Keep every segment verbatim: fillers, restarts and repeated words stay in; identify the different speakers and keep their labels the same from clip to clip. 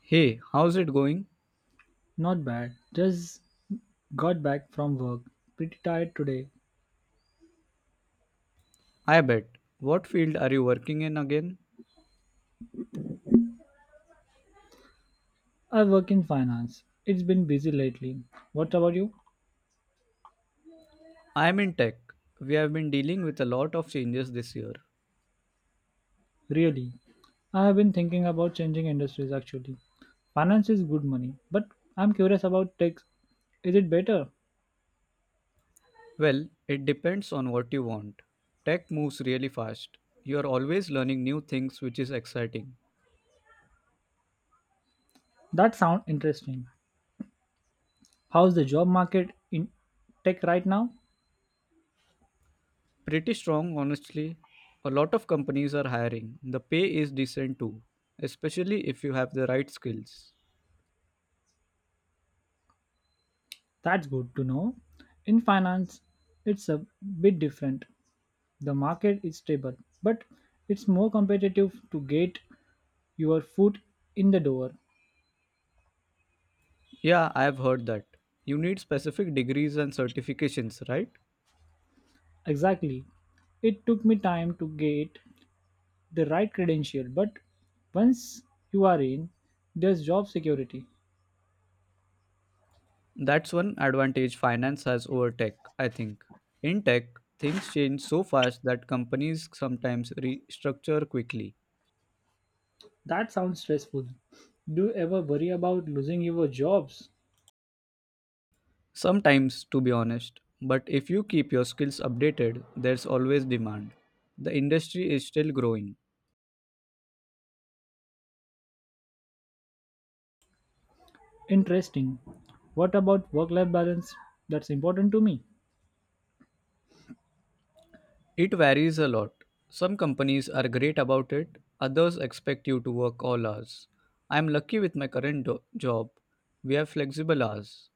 Speaker 1: Hey, how's it going?
Speaker 2: Not bad. Just got back from work. Pretty tired today.
Speaker 1: I bet. What field are you working in again?
Speaker 2: I work in finance. It's been busy lately. What about you?
Speaker 1: I'm in tech. We have been dealing with a lot of changes this year.
Speaker 2: Really? I have been thinking about changing industries actually. Finance is good money, but I'm curious about tech. Is it better?
Speaker 1: Well, it depends on what you want. Tech moves really fast. You are always learning new things, which is exciting.
Speaker 2: That sounds interesting. How's the job market in tech right now?
Speaker 1: Pretty strong, honestly. A lot of companies are hiring. The pay is decent too, especially if you have the right skills.
Speaker 2: That's good to know. In finance, it's a bit different. The market is stable, but it's more competitive to get your foot in the door.
Speaker 1: Yeah, I have heard that. You need specific degrees and certifications, right?
Speaker 2: Exactly. It took me time to get the right credential, but once you are in, there's job security.
Speaker 1: That's one advantage finance has over tech, I think. In tech, things change so fast that companies sometimes restructure quickly.
Speaker 2: That sounds stressful. Do you ever worry about losing your jobs?
Speaker 1: Sometimes, to be honest. But if you keep your skills updated, there's always demand. The industry is still growing.
Speaker 2: Interesting. What about work life balance? That's important to me.
Speaker 1: It varies a lot. Some companies are great about it, others expect you to work all hours. I'm lucky with my current do- job. We have flexible hours.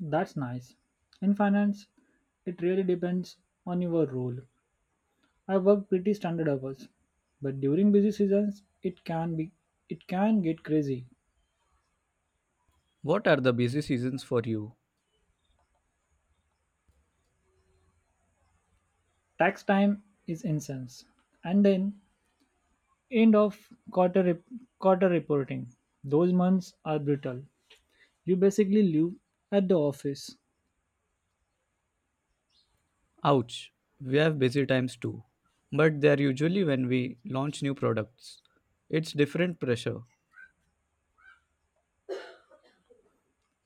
Speaker 2: That's nice. In finance, it really depends on your role. I work pretty standard hours, but during busy seasons, it can be it can get crazy.
Speaker 1: What are the busy seasons for you?
Speaker 2: Tax time is incense. And then end of quarter rep- quarter reporting. Those months are brutal. You basically live at the office,
Speaker 1: Ouch, we have busy times too, but they're usually when we launch new products. It's different pressure,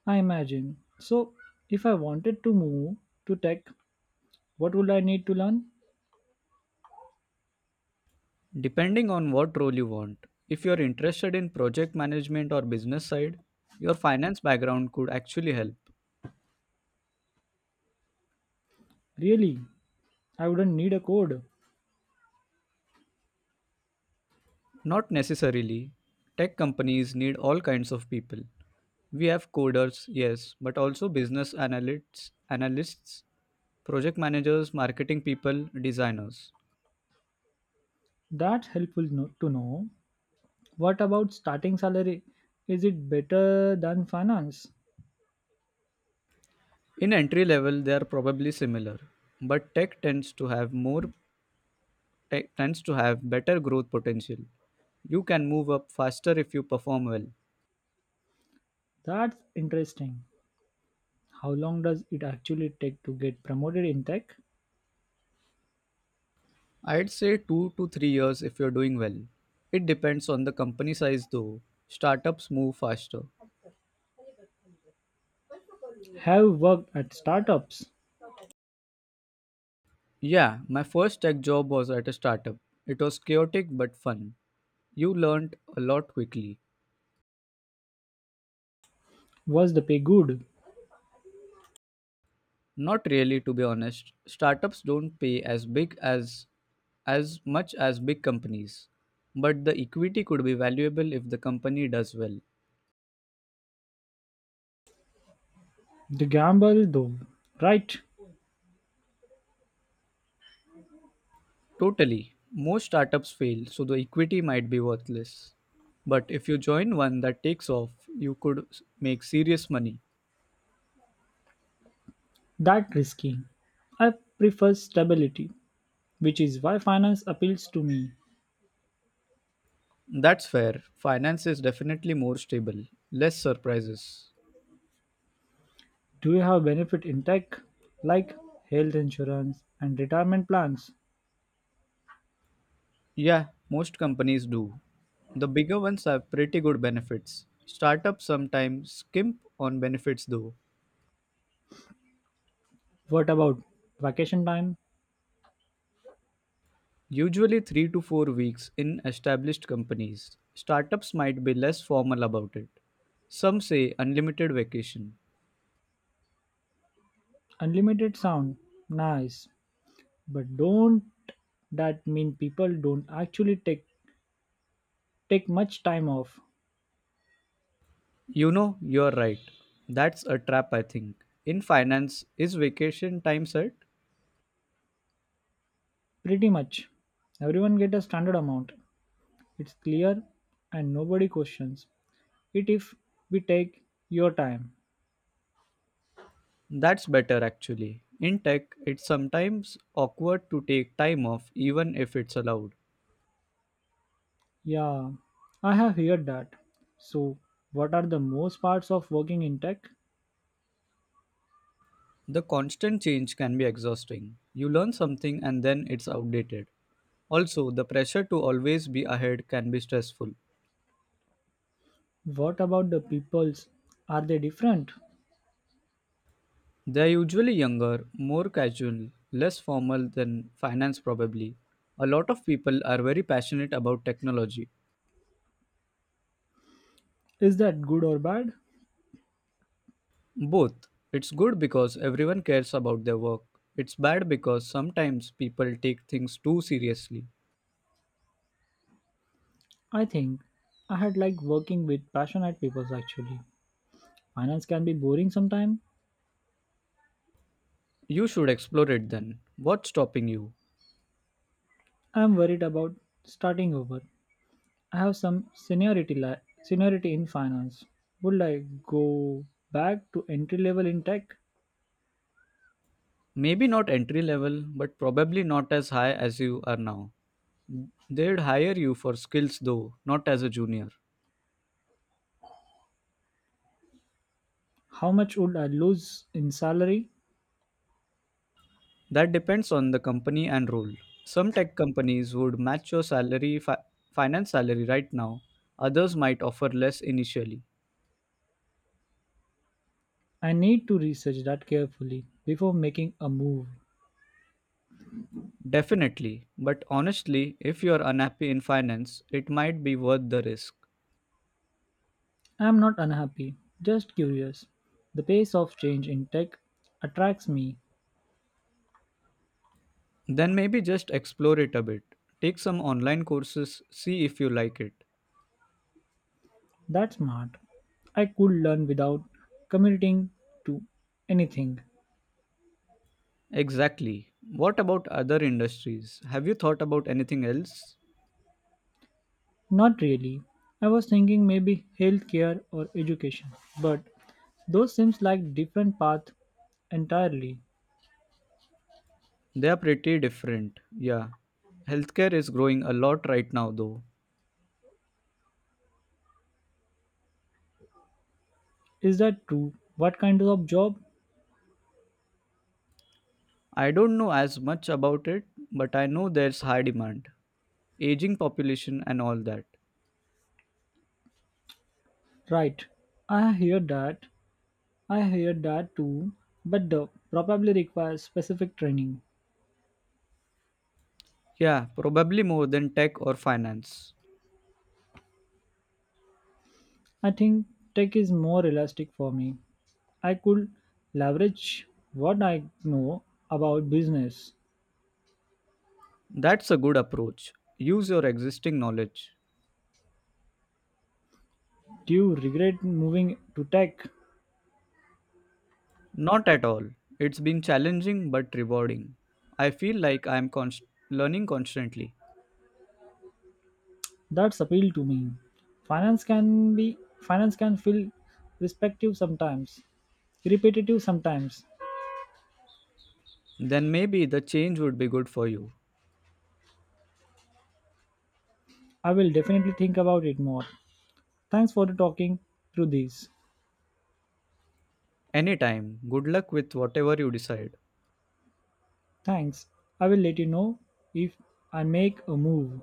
Speaker 2: I imagine. So if I wanted to move to tech, what would I need to learn?
Speaker 1: depending on what role you want. If you're interested in project management or business side, your finance background could actually help.
Speaker 2: Really, I wouldn't need a code.
Speaker 1: Not necessarily. Tech companies need all kinds of people. We have coders, yes, but also business analysts, analysts, project managers, marketing people, designers.
Speaker 2: That's helpful no- To know. What about starting salary? Is it better than finance?
Speaker 1: In entry level, they are probably similar, but tech tends to have more tech tends to have better growth potential. You can move up faster if you perform well.
Speaker 2: That's interesting. How long does it actually take to get promoted in tech?
Speaker 1: I'd say two to three years if you're doing well. It depends on the company size though. Startups move faster.
Speaker 2: Have worked at startups.
Speaker 1: Yeah, my first tech job was at a startup. It was chaotic but fun. You learned a lot quickly.
Speaker 2: Was the pay good?
Speaker 1: Not really, to be honest. Startups don't pay as big as as much as big companies. But the equity could be valuable if the company does well.
Speaker 2: The gamble, though, right?
Speaker 1: Totally. Most startups fail, so the equity might be worthless. But if you join one that takes off, you could s- make serious money.
Speaker 2: That risky. I prefer stability, which is why finance appeals to me.
Speaker 1: That's fair. Finance is definitely more stable, less surprises.
Speaker 2: Do you have benefit in tech, like health insurance and retirement plans?
Speaker 1: Yeah, most companies do. The bigger ones have pretty good benefits. Startups sometimes skimp on benefits though.
Speaker 2: What about vacation time?
Speaker 1: Usually three to four weeks in established companies. Startups might be less formal about it. Some say unlimited vacation.
Speaker 2: Unlimited sound, nice, but don't that mean people don't actually take take much time off?
Speaker 1: You know, you're right. That's a trap, I think. In finance, is vacation time set?
Speaker 2: Pretty much, everyone get a standard amount. It's clear and nobody questions it if we take your time.
Speaker 1: That's better actually. In tech, it's sometimes awkward to take time off even if it's allowed.
Speaker 2: Yeah, I have heard that. So, what are the most parts of working in tech?
Speaker 1: The constant change can be exhausting. You learn something and then it's outdated. Also, the pressure to always be ahead can be stressful.
Speaker 2: What about the peoples? Are they different?
Speaker 1: They're usually younger, more casual, less formal than finance, probably. A lot of people are very passionate about technology.
Speaker 2: Is that good or bad?
Speaker 1: Both. It's good because everyone cares about their work. It's bad because sometimes people take things too seriously.
Speaker 2: I think I had like working with passionate people actually. Finance can be boring sometimes.
Speaker 1: You should explore it then. What's stopping you?
Speaker 2: I'm worried about starting over. I have some seniority la- seniority in finance. Would I go back to entry level in tech?
Speaker 1: Maybe not entry level, but probably not as high as you are now. They'd hire you for skills though, not as a junior.
Speaker 2: How much would I lose in salary?
Speaker 1: That depends on the company and role. Some tech companies would match your salary fi- finance salary right now. Others might offer less initially.
Speaker 2: I need to research that carefully before making a move.
Speaker 1: Definitely, but honestly, if you're unhappy in finance, it might be worth the risk.
Speaker 2: I am not unhappy, just curious. The pace of change in tech attracts me.
Speaker 1: Then maybe just explore it a bit. Take some online courses, see if you like it.
Speaker 2: That's smart. I could learn without committing to anything.
Speaker 1: Exactly. What about other industries? Have you thought about anything else?
Speaker 2: Not really. I was thinking maybe healthcare or education, but those seems like different path entirely.
Speaker 1: They are pretty different. Yeah. Healthcare is growing a lot right now, though.
Speaker 2: Is that true? What kind of job?
Speaker 1: I don't know as much about it, but I know there's high demand, aging population, and all that.
Speaker 2: Right. I hear that I hear that too, but the probably requires specific training.
Speaker 1: Yeah, probably more than tech or finance.
Speaker 2: I think tech is more elastic for me. I could leverage what I know about business.
Speaker 1: That's a good approach. Use your existing knowledge.
Speaker 2: Do you regret moving to tech?
Speaker 1: Not at all. It's been challenging but rewarding. I feel like I'm const- learning constantly.
Speaker 2: That's appeal to me. Finance can be finance can feel respective sometimes, repetitive sometimes.
Speaker 1: Then maybe the change would be good for you.
Speaker 2: I will definitely think about it more. Thanks for talking through this.
Speaker 1: Anytime, good luck with whatever you decide.
Speaker 2: Thanks. I will let you know if I make a move.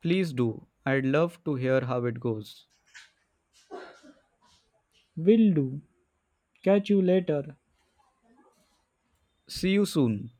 Speaker 1: Please do. I'd love to hear how it goes.
Speaker 2: Will do. Catch you later.
Speaker 1: See you soon.